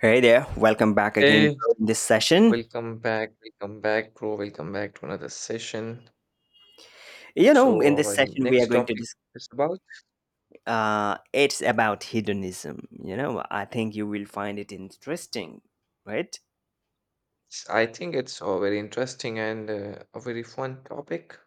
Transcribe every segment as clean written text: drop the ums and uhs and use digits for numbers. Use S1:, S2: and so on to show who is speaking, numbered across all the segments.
S1: Hey there, welcome back again,
S2: Hey,
S1: bro, in this session.
S2: welcome back, bro. Welcome back to another session.
S1: You know,
S2: So,
S1: in this
S2: our
S1: session, we are
S2: next
S1: going to
S2: topic
S1: discuss.
S2: is about,
S1: It's about hedonism. You know, I think you will find it interesting, right?
S2: I think it's a very interesting and a very fun topic.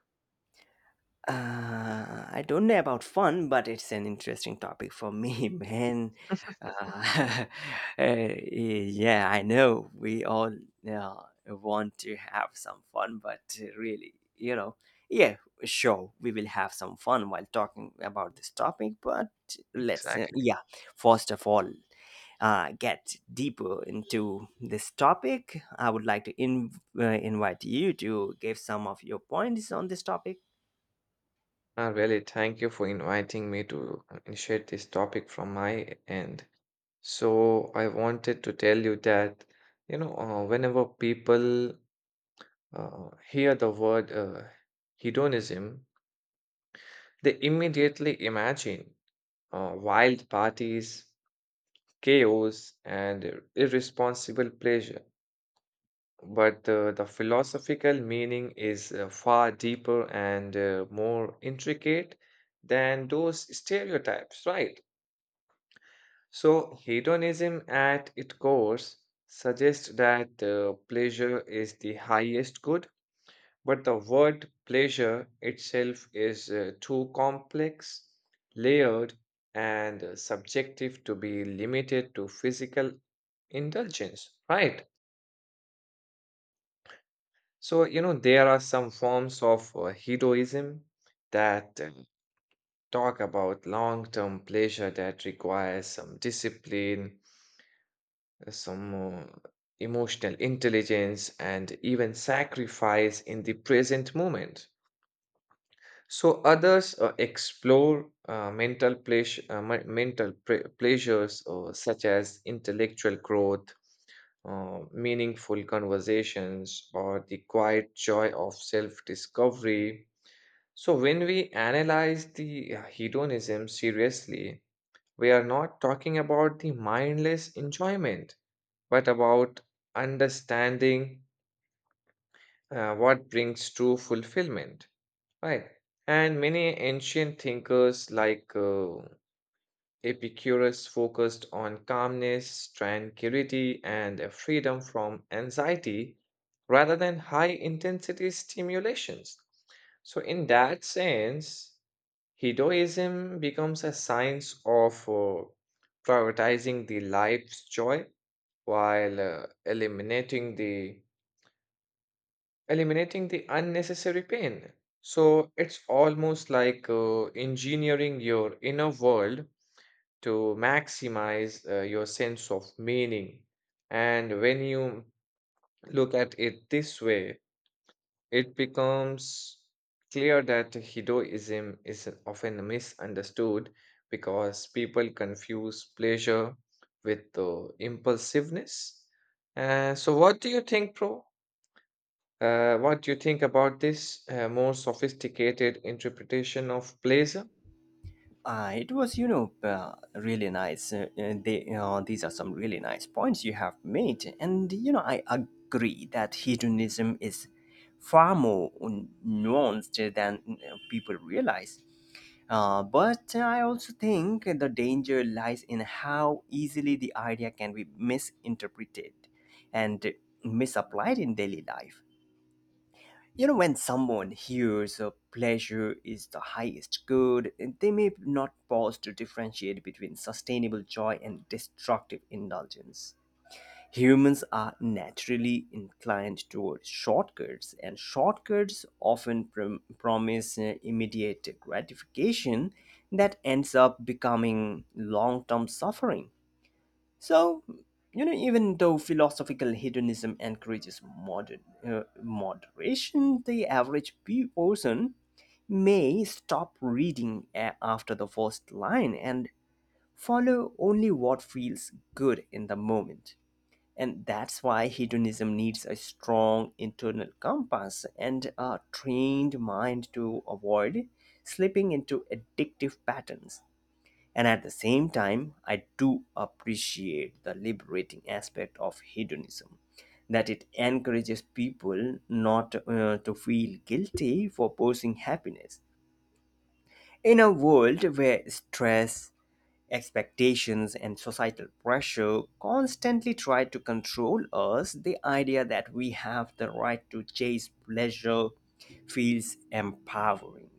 S1: I don't know about fun, but it's an interesting topic for me, man. Uh, yeah, I know we all uh, want to have some fun, but really, you know, yeah, sure, we will have some fun while talking about this topic, but let's, uh,
S2: Exactly.
S1: yeah, first of all, get deeper into this topic. I would like to invite you to give some of your points on this topic.
S2: Really, thank you for inviting me to initiate this topic from my end. So, I wanted to tell you that, you know, whenever people hear the word hedonism, they immediately imagine wild parties chaos, and irresponsible pleasure. But the philosophical meaning is far deeper and more intricate than those stereotypes, right? So, hedonism at its core suggests that pleasure is the highest good but the word pleasure itself is too complex, layered, and subjective to be limited to physical indulgence, right? So, you know, there are some forms of hedonism that talk about long term pleasure that requires some discipline, some emotional intelligence, and even sacrifice in the present moment. So others explore mental pleas- men- mental pre- pleasures such as intellectual growth, meaningful conversations, or the quiet joy of self-discovery. So when we analyze the hedonism seriously, we are not talking about the mindless enjoyment, but about understanding what brings true fulfillment. Right. And many ancient thinkers like Epicurus focused on calmness, tranquility, and a freedom from anxiety rather than high intensity stimulations. So, in that sense, hedonism becomes a science of prioritizing the life's joy while eliminating the unnecessary pain. So it's almost like engineering your inner world to maximize your sense of meaning. And when you look at it this way, it becomes clear that hedonism is often misunderstood because people confuse pleasure with impulsiveness. So, what do you think, Pro? What do you think about this more sophisticated interpretation of pleasure?
S1: It was, you know, really nice. These are some really nice points you have made. And, you know, I agree that hedonism is far more nuanced than people realize. But I also think the danger lies in how easily the idea can be misinterpreted and misapplied in daily life. You know, when someone hears pleasure is the highest good, they may not pause to differentiate between sustainable joy and destructive indulgence. Humans are naturally inclined toward shortcuts, and shortcuts often promise immediate gratification that ends up becoming long term suffering. So, you know, even though philosophical hedonism encourages moderation, the average person may stop reading after the first line and follow only what feels good in the moment. And that's why hedonism needs a strong internal compass and a trained mind to avoid slipping into addictive patterns. And at the same time, I do appreciate the liberating aspect of hedonism, that it encourages people not to feel guilty for pursuing happiness. In a world where stress, expectations, and societal pressure constantly try to control us, the idea that we have the right to chase pleasure feels empowering.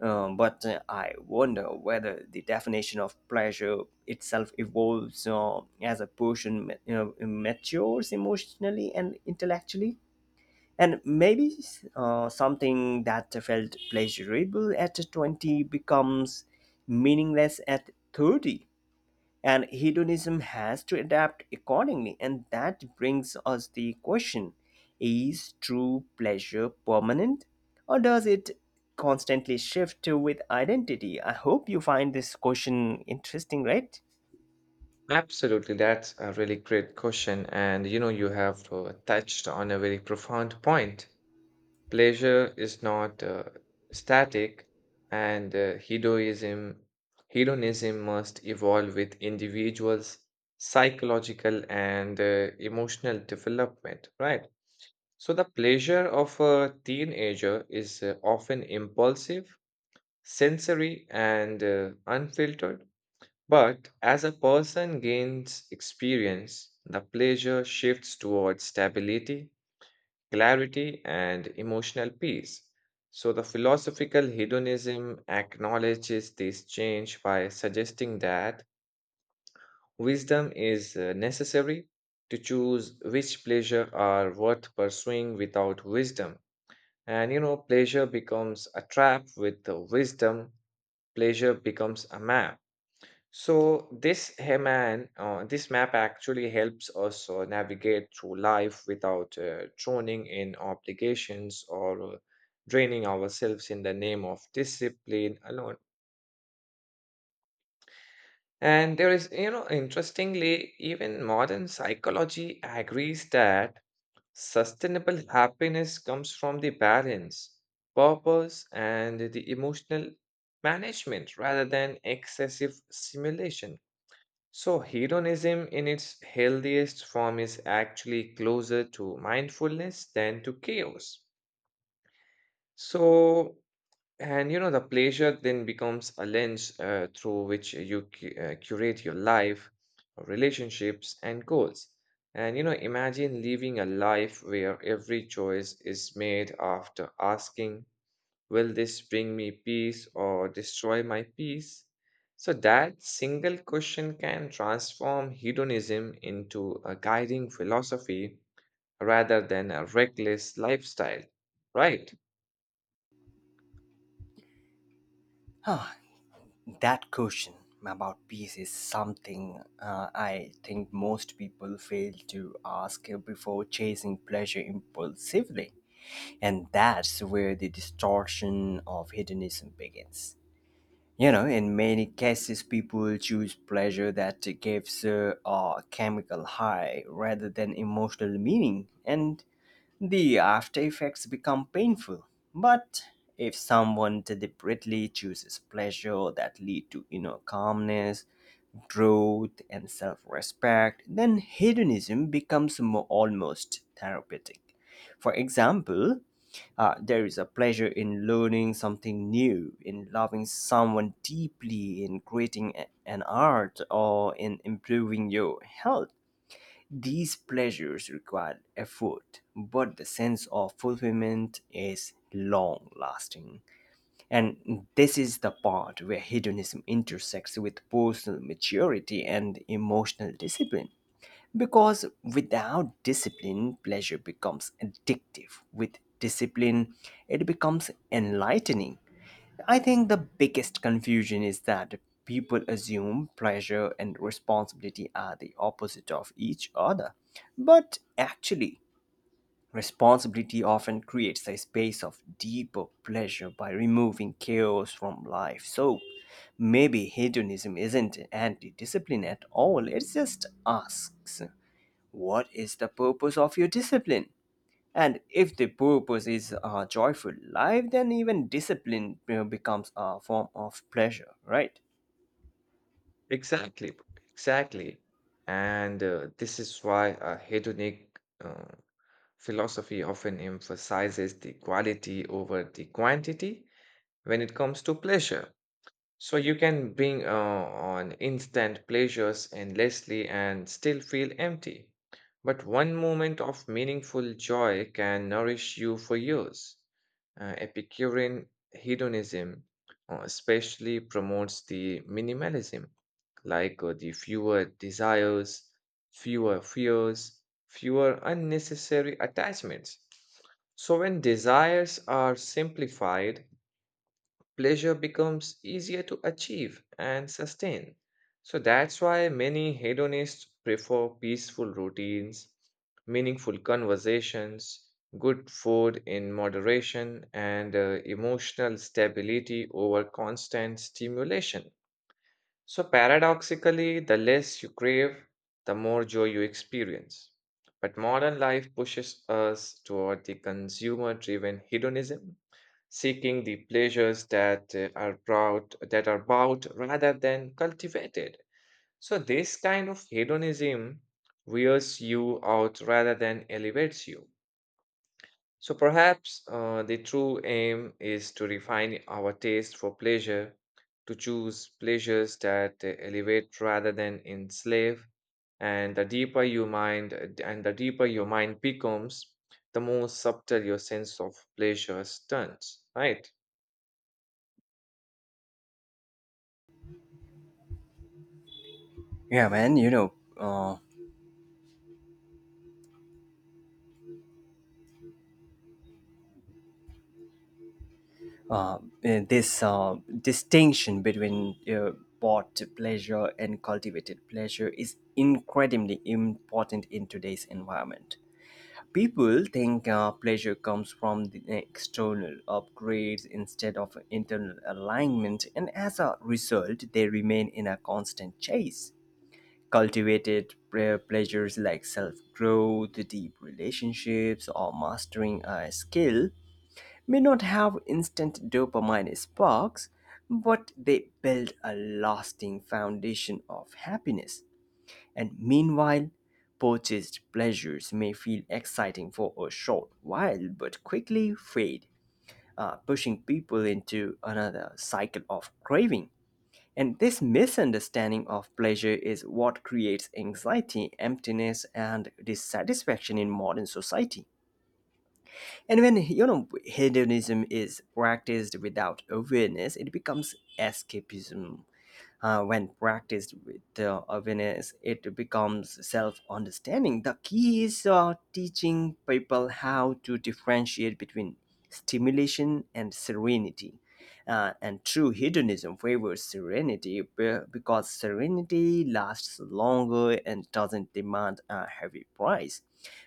S1: But I wonder whether the definition of pleasure itself evolves as a person you know, matures emotionally and intellectually. And maybe something that felt pleasurable at 20 becomes meaningless at 30, and hedonism has to adapt accordingly. And that brings us the question, is true pleasure permanent, or does it constantly shift with identity? I hope you find this question interesting, right?
S2: Absolutely, that's a really great question. And you know, you have touched on a very profound point. Pleasure is not static, and hedonism must evolve with individuals' psychological and emotional development, right? So the pleasure of a teenager is often impulsive sensory and unfiltered. But as a person gains experience, the pleasure shifts towards stability, clarity, and emotional peace. So, the philosophical hedonism acknowledges this change by suggesting that wisdom is necessary to choose which pleasure are worth pursuing without wisdom. And you know, pleasure becomes a trap with the wisdom, pleasure becomes a map. So this map actually helps us navigate through life without drowning in obligations or draining ourselves in the name of discipline alone. And there is, you know, interestingly, even modern psychology agrees that sustainable happiness comes from the balance, purpose, and the emotional management rather than excessive stimulation. So, hedonism in its healthiest form is actually closer to mindfulness than to chaos. So, and you know, the pleasure then becomes a lens through which you curate your life, relationships, and goals. And you know, imagine living a life where every choice is made after asking, will this bring me peace or destroy my peace? So, that single question can transform hedonism into a guiding philosophy rather than a reckless lifestyle. Right?
S1: Ah, that question about peace is something I think most people fail to ask before chasing pleasure impulsively. And that's where the distortion of hedonism begins. You know, in many cases people choose pleasure that gives a chemical high rather than emotional meaning, and the after effects become painful. But if someone deliberately chooses pleasure that lead to inner calmness, growth and self-respect, then hedonism becomes more almost therapeutic. For example, there is a pleasure in learning something new, in loving someone deeply, in creating an art, or in improving your health. These pleasures require effort, but the sense of fulfillment is long lasting. And this is the part where hedonism intersects with personal maturity and emotional discipline. Because without discipline, pleasure becomes addictive. With discipline, it becomes enlightening. I think the biggest confusion is that people assume pleasure and responsibility are the opposite of each other. But actually, responsibility often creates a space of deeper pleasure by removing chaos from life. So maybe hedonism isn't anti discipline at all, it just asks, what is the purpose of your discipline? And if the purpose is a joyful life, then even discipline, you know, becomes a form of pleasure, right?
S2: Exactly. Exactly. And this is why a hedonic uh, philosophy often emphasizes the quality over the quantity when it comes to pleasure. So you can bring on instant pleasures endlessly and still feel empty. But one moment of meaningful joy can nourish you for years. Epicurean hedonism especially promotes the minimalism, like the fewer desires, fewer fears, fewer unnecessary attachments. So when desires are simplified, pleasure becomes easier to achieve and sustain. So that's why many hedonists prefer peaceful routines, meaningful conversations, good food in moderation, and emotional stability over constant stimulation. So, paradoxically, the less you crave, the more joy you experience. But modern life pushes us toward the consumer driven hedonism, seeking the pleasures that that are bought rather than cultivated. So, this kind of hedonism wears you out rather than elevates you. So perhaps the true aim is to refine our taste for pleasure, to choose pleasures that elevate rather than enslave. And the deeper your mind becomes, the more subtle your sense of pleasure turns. Right?
S1: Yeah, man. You know, uh, this distinction between bought pleasure and cultivated pleasure is incredibly important in today's environment. People think pleasure comes from the external upgrades instead of internal alignment, and as a result, they remain in a constant chase. Cultivated pleasures like self growth, deep relationships, or mastering a skill may not have instant dopamine sparks, but they build a lasting foundation of happiness. And meanwhile, purchased pleasures may feel exciting for a short while but quickly fade, pushing people into another cycle of craving. And this misunderstanding of pleasure is what creates anxiety, emptiness, and dissatisfaction in modern society. And when, you know, hedonism is practiced without awareness, it becomes escapism. When practiced with awareness, it becomes self understanding. The key is teaching people how to differentiate between stimulation and serenity. And true hedonism favors serenity because serenity lasts longer and doesn't demand a heavy price.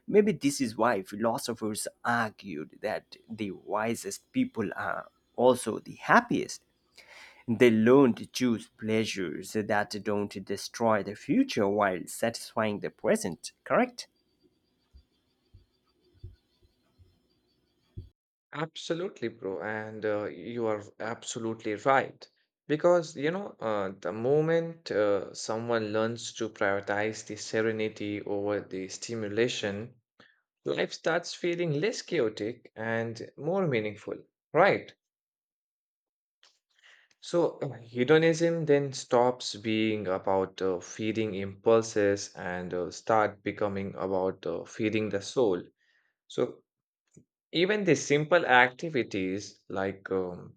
S1: Maybe this is why philosophers argued that the wisest people are also the happiest. They learn to choose pleasures that don't destroy the future while satisfying the present, correct?
S2: Absolutely, bro. And you are absolutely right. Because, you know, the moment someone learns to prioritize the serenity over the stimulation, life starts feeling less chaotic and more meaningful. Right. So, hedonism then stops being about feeding impulses and start becoming about feeding the soul. So, even the simple activities like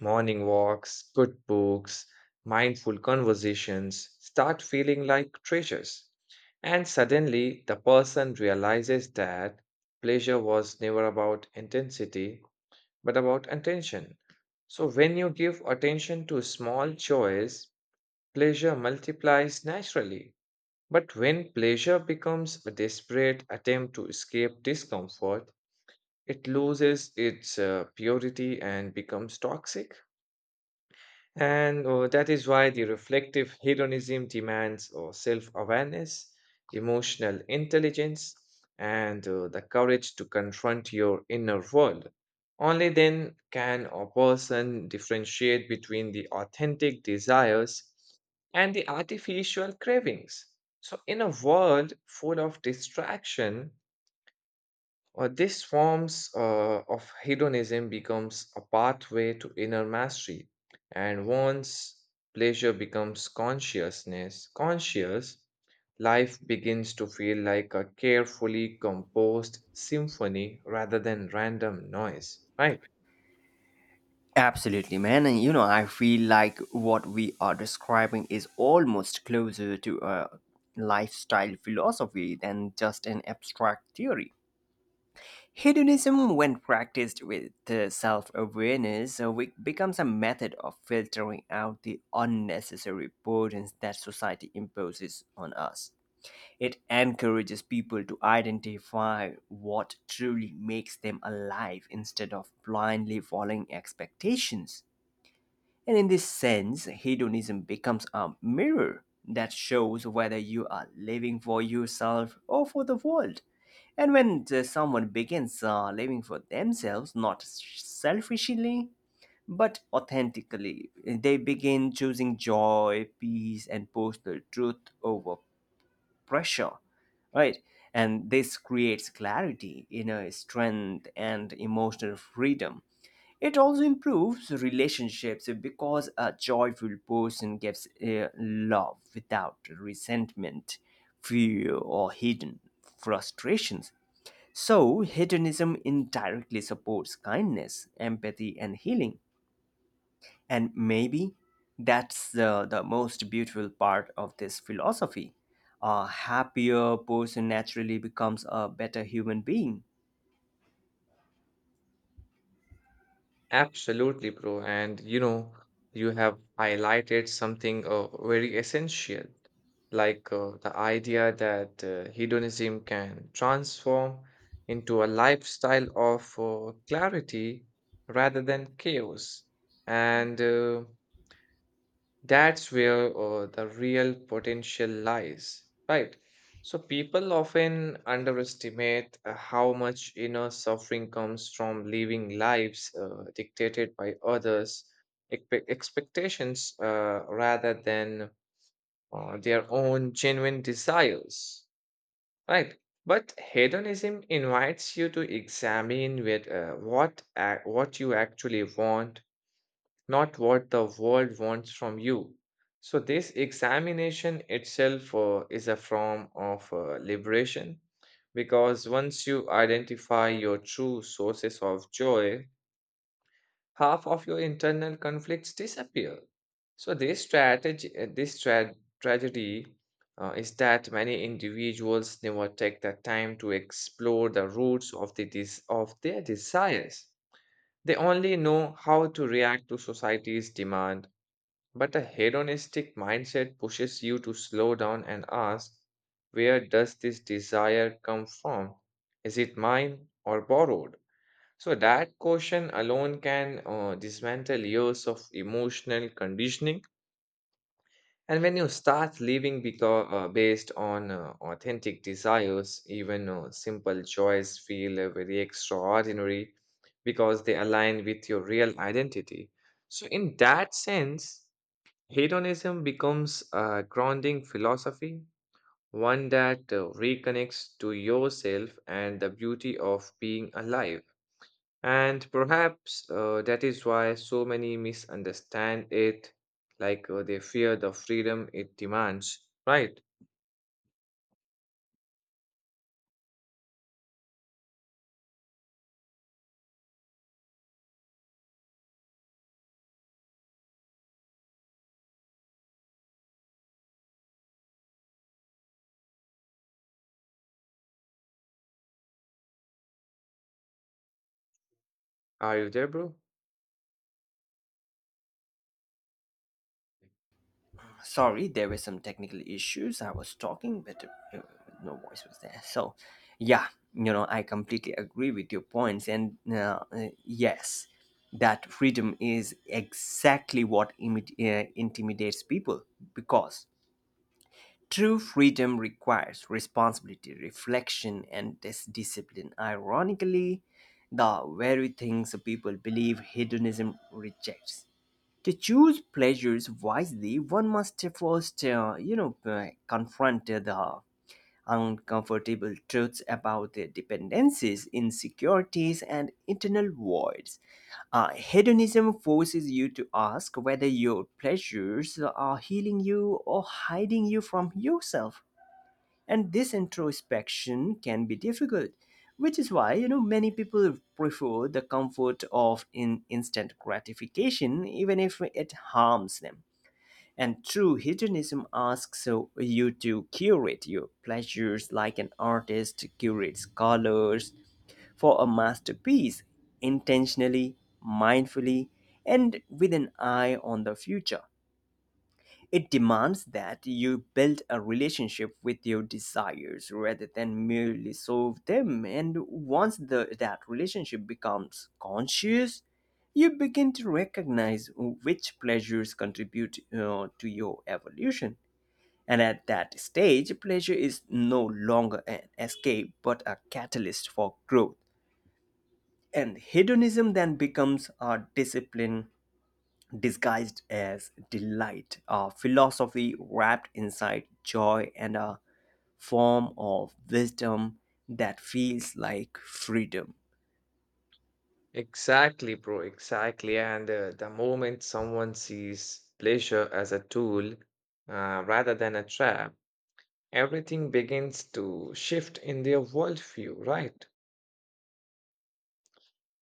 S2: morning walks, good books, mindful conversations start feeling like treasures. And suddenly, the person realizes that pleasure was never about intensity but about attention. So, when you give attention to small joys, pleasure multiplies naturally. But when pleasure becomes a desperate attempt to escape discomfort, it loses its purity and becomes toxic. And that is why the reflective hedonism demands self awareness, emotional intelligence, and the courage to confront your inner world. Only then can a person differentiate between the authentic desires and the artificial cravings. So, in a world full of distraction, these forms of hedonism becomes a pathway to inner mastery, and once pleasure becomes conscious, life begins to feel like a carefully composed symphony rather than random noise, right?
S1: Absolutely, man. And you know, I feel like what we are describing is almost closer to a lifestyle philosophy than just an abstract theory. Hedonism, when practiced with self awareness, becomes a method of filtering out the unnecessary burdens that society imposes on us. It encourages people to identify what truly makes them alive instead of blindly following expectations. And in this sense, hedonism becomes a mirror that shows whether you are living for yourself or for the world. And when someone begins living for themselves, not selfishly, but authentically, they begin choosing joy, peace, and personal truth over pressure, right? And this creates clarity, inner strength and emotional freedom. It also improves relationships because a joyful person gives love without resentment, fear, or hidden frustrations. So, hedonism indirectly supports kindness, empathy, and healing. And maybe that's the most beautiful part of this philosophy. A happier person naturally becomes a better human being.
S2: Absolutely, bro. And you know, you have highlighted something very essential, like the idea that hedonism can transform into a lifestyle of clarity rather than chaos. And that's where the real potential lies, right? So people often underestimate how much inner suffering comes from living lives dictated by others' expectations rather than their own genuine desires, right? But hedonism invites you to examine with what you actually want not what the world wants from you. So, this examination itself is a form of liberation because once you identify your true sources of joy, half of your internal conflicts disappear. So, this strategy, tragedy is that many individuals never take the time to explore the roots of of their desires. They only know how to react to society's demand but a hedonistic mindset pushes you to slow down and ask, where does this desire come from? Is it mine or borrowed? So that question alone can dismantle years of emotional conditioning. And when you start living based on authentic desires, even simple joys feel very extraordinary because they align with your real identity. So, in that sense, hedonism becomes a grounding philosophy, one that reconnects to yourself and the beauty of being alive. And perhaps that is why so many misunderstand it, like they fear the freedom it demands. Right? Are you there, bro?
S1: Sorry, there were some technical issues. I was talking, but uh, no voice was there. So, yeah, you know, I completely agree with your points. And yes, that freedom is exactly what intimidates people, because true freedom requires responsibility, reflection, and discipline. Ironically, the very things people believe hedonism rejects. To choose pleasures wisely, one must first, confront the uncomfortable truths about their dependencies, insecurities, and internal voids. Hedonism forces you to ask whether your pleasures are healing you or hiding you from yourself, and this introspection can be difficult, which is why, you know, many people prefer the comfort of in instant gratification even if it harms them. And true hedonism asks you to curate your pleasures like an artist curates colors for a masterpiece, intentionally, mindfully, and with an eye on the future. It demands that you build a relationship with your desires rather than merely solve them. And once that relationship becomes conscious, you begin to recognize which pleasures contribute to your evolution. And at that stage, pleasure is no longer an escape but a catalyst for growth. And hedonism then becomes a discipline disguised as delight, a philosophy wrapped inside joy, and a form of wisdom that feels like freedom.
S2: Exactly, bro. Exactly. And the moment someone sees pleasure as a tool rather than a trap, everything begins to shift in their worldview, right?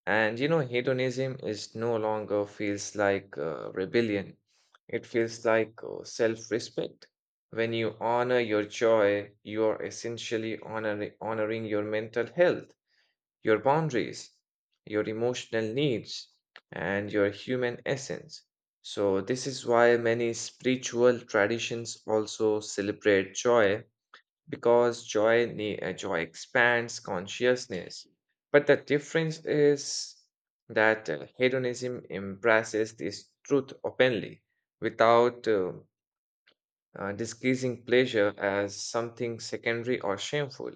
S2: And you know, hedonism is no longer feels like rebellion. It feels like self-respect. When you honor your joy, you are essentially honoring your mental health, your boundaries, your emotional needs, and your human essence. So, this is why many spiritual traditions also celebrate joy because joy expands consciousness but the difference is that hedonism embraces this truth openly without disguising pleasure as something secondary or shameful.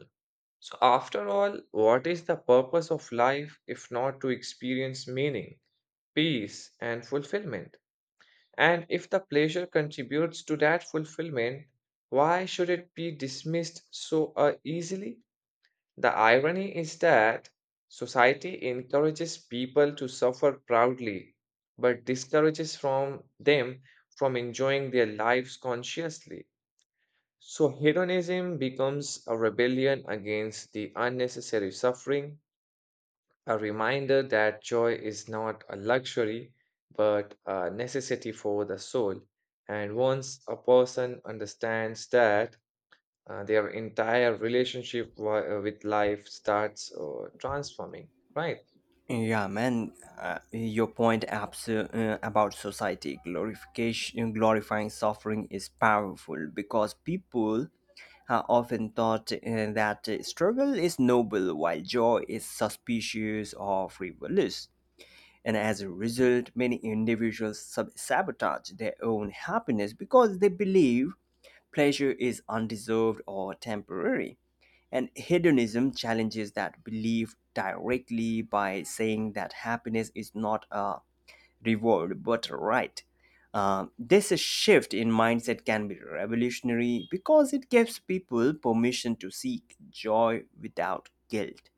S2: So after all, what is the purpose of life if not to experience meaning, peace and fulfillment? And if the pleasure contributes to that fulfillment, why should it be dismissed so easily? The irony is that society encourages people to suffer proudly, but discourages from them from enjoying their lives consciously. So hedonism becomes a rebellion against the unnecessary suffering, a reminder that joy is not a luxury but a necessity for the soul. And once a person understands that, their entire relationship with life starts transforming right.
S1: Yeah, man, your point about society glorification, glorifying suffering is powerful because people are often thought that struggle is noble while joy is suspicious or frivolous. And as a result, many individuals sabotage their own happiness because they believe pleasure is undeserved or temporary. And hedonism challenges that belief directly by saying that happiness is not a reward but a right. This shift in mindset can be revolutionary because it gives people permission to seek joy without guilt.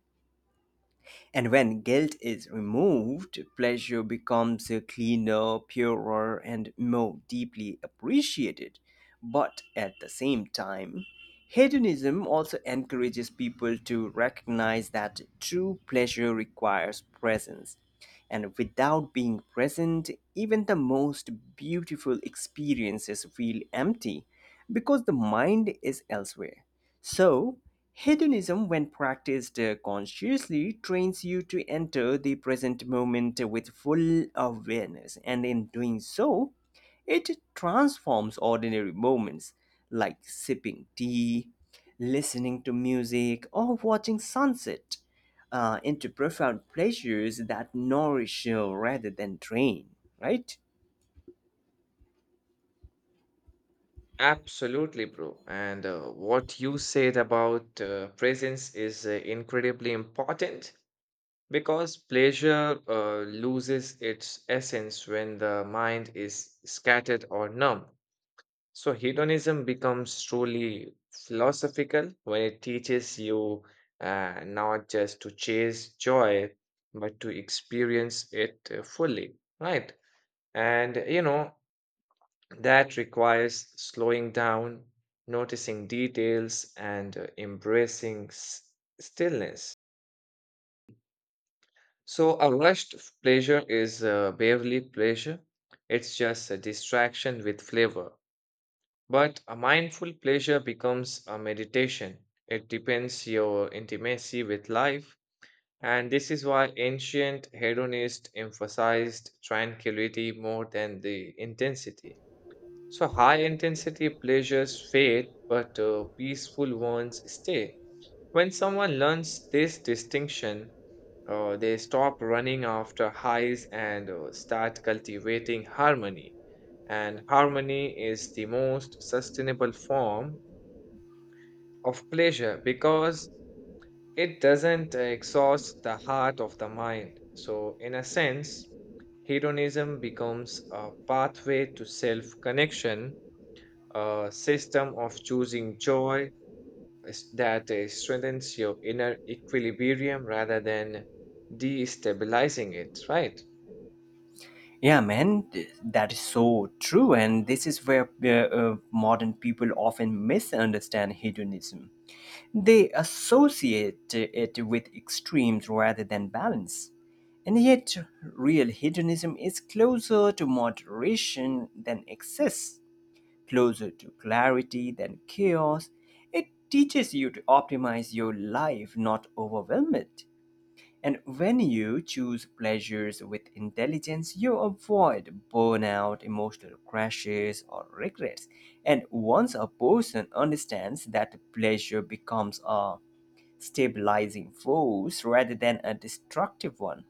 S1: And when guilt is removed, pleasure becomes cleaner, purer, and more deeply appreciated. But at the same time, hedonism also encourages people to recognize that true pleasure requires presence. And without being present, even the most beautiful experiences feel empty because the mind is elsewhere. So, hedonism, when practiced consciously, trains you to enter the present moment with full awareness, and in doing so, it transforms ordinary moments, like sipping tea, listening to music, or watching sunset, into profound pleasures that nourish you rather than drain, right?
S2: Absolutely, bro. And what you said about presence is incredibly important because pleasure loses its essence when the mind is scattered or numb. So hedonism becomes truly philosophical when it teaches you not just to chase joy, but to experience it fully, right? And you know, that requires slowing down, noticing details, and embracing stillness. So a rushed pleasure is barely pleasure, it's just a distraction with flavor. But a mindful pleasure becomes a meditation. It depends your intimacy with life, and this is why ancient hedonists emphasized tranquility more than the intensity. So high intensity pleasures fade, but peaceful ones stay. When someone learns this distinction, they stop running after highs and start cultivating harmony. And harmony is the most sustainable form of pleasure because it doesn't exhaust the heart of the mind. So, in a sense, hedonism becomes a pathway to self connection, a system of choosing joy that strengthens your inner equilibrium rather than destabilizing it, right?
S1: Yeah, man, that is so true. And this is where modern people often misunderstand hedonism. They associate it with extremes rather than balance. And yet, real hedonism is closer to moderation than excess, closer to clarity than chaos. It teaches you to optimize your life, not overwhelm it. And when you choose pleasures with intelligence, you avoid burnout, emotional crashes, or regrets. And once a person understands that, pleasure becomes a stabilizing force rather than a destructive one.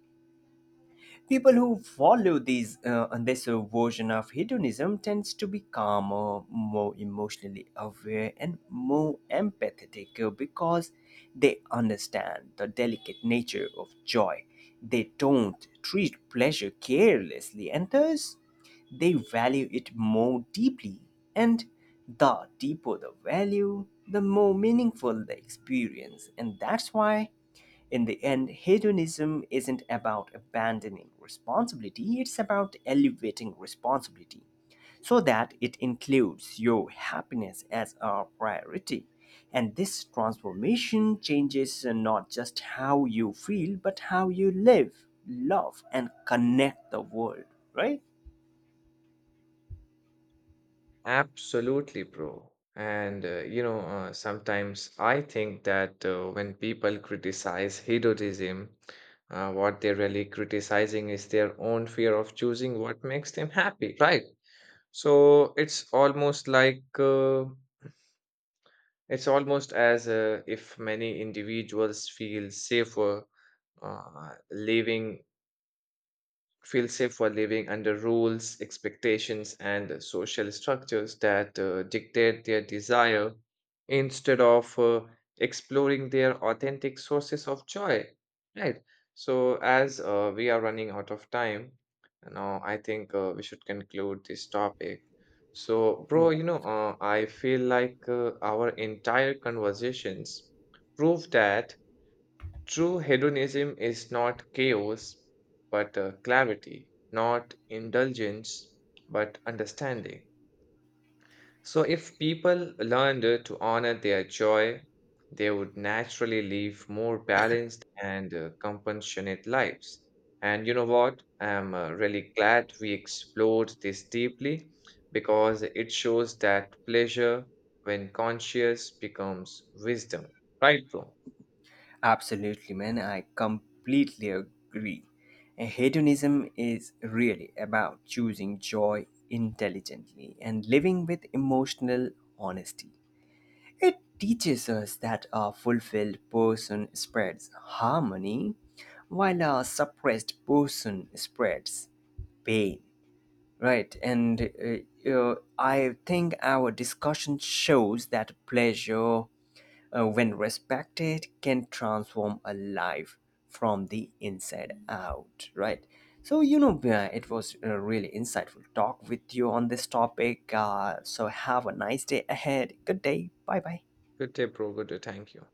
S1: People who follow these this version of hedonism tends to be calmer, more emotionally aware and more empathetic, because they understand the delicate nature of joy. They don't treat pleasure carelessly, and thus they value it more deeply. And the deeper the value, the more meaningful the experience. And that's why, in the end, hedonism isn't about abandoning responsibility, it's about elevating responsibility so that it includes your happiness as a priority. And this transformation changes not just how you feel, but how you live, love, and connect the world, right?
S2: Absolutely, bro. And you know, sometimes I think that when people criticize hedonism, what they're really criticizing is their own fear of choosing what makes them happy, right? So it's almost as if many individuals uh, living feel safe while living under rules, expectations, and social structures that dictate their desire instead of exploring their authentic sources of joy. Right. So, as we are running out of time, now I think we should conclude this topic. So, bro, you know, I feel like our entire conversations prove that true hedonism is not chaos, but clarity, not indulgence, but understanding. So, if people learned to honor their joy, they would naturally live more balanced and compassionate lives. And you know what? I'm really glad we explored this deeply because it shows that pleasure, when conscious, becomes wisdom. Right, bro?
S1: Absolutely, man. I completely agree. And hedonism is really about choosing joy intelligently and living with emotional honesty. It teaches us that a fulfilled person spreads harmony, while a suppressed person spreads pain. Right, and I think our discussion shows that pleasure, when respected, can transform a life from the inside out, right? So, you know, it was a really insightful talk with you on this topic. So, have a nice day ahead. Good day. Bye bye.
S2: Good day, bro. Good day. Thank you.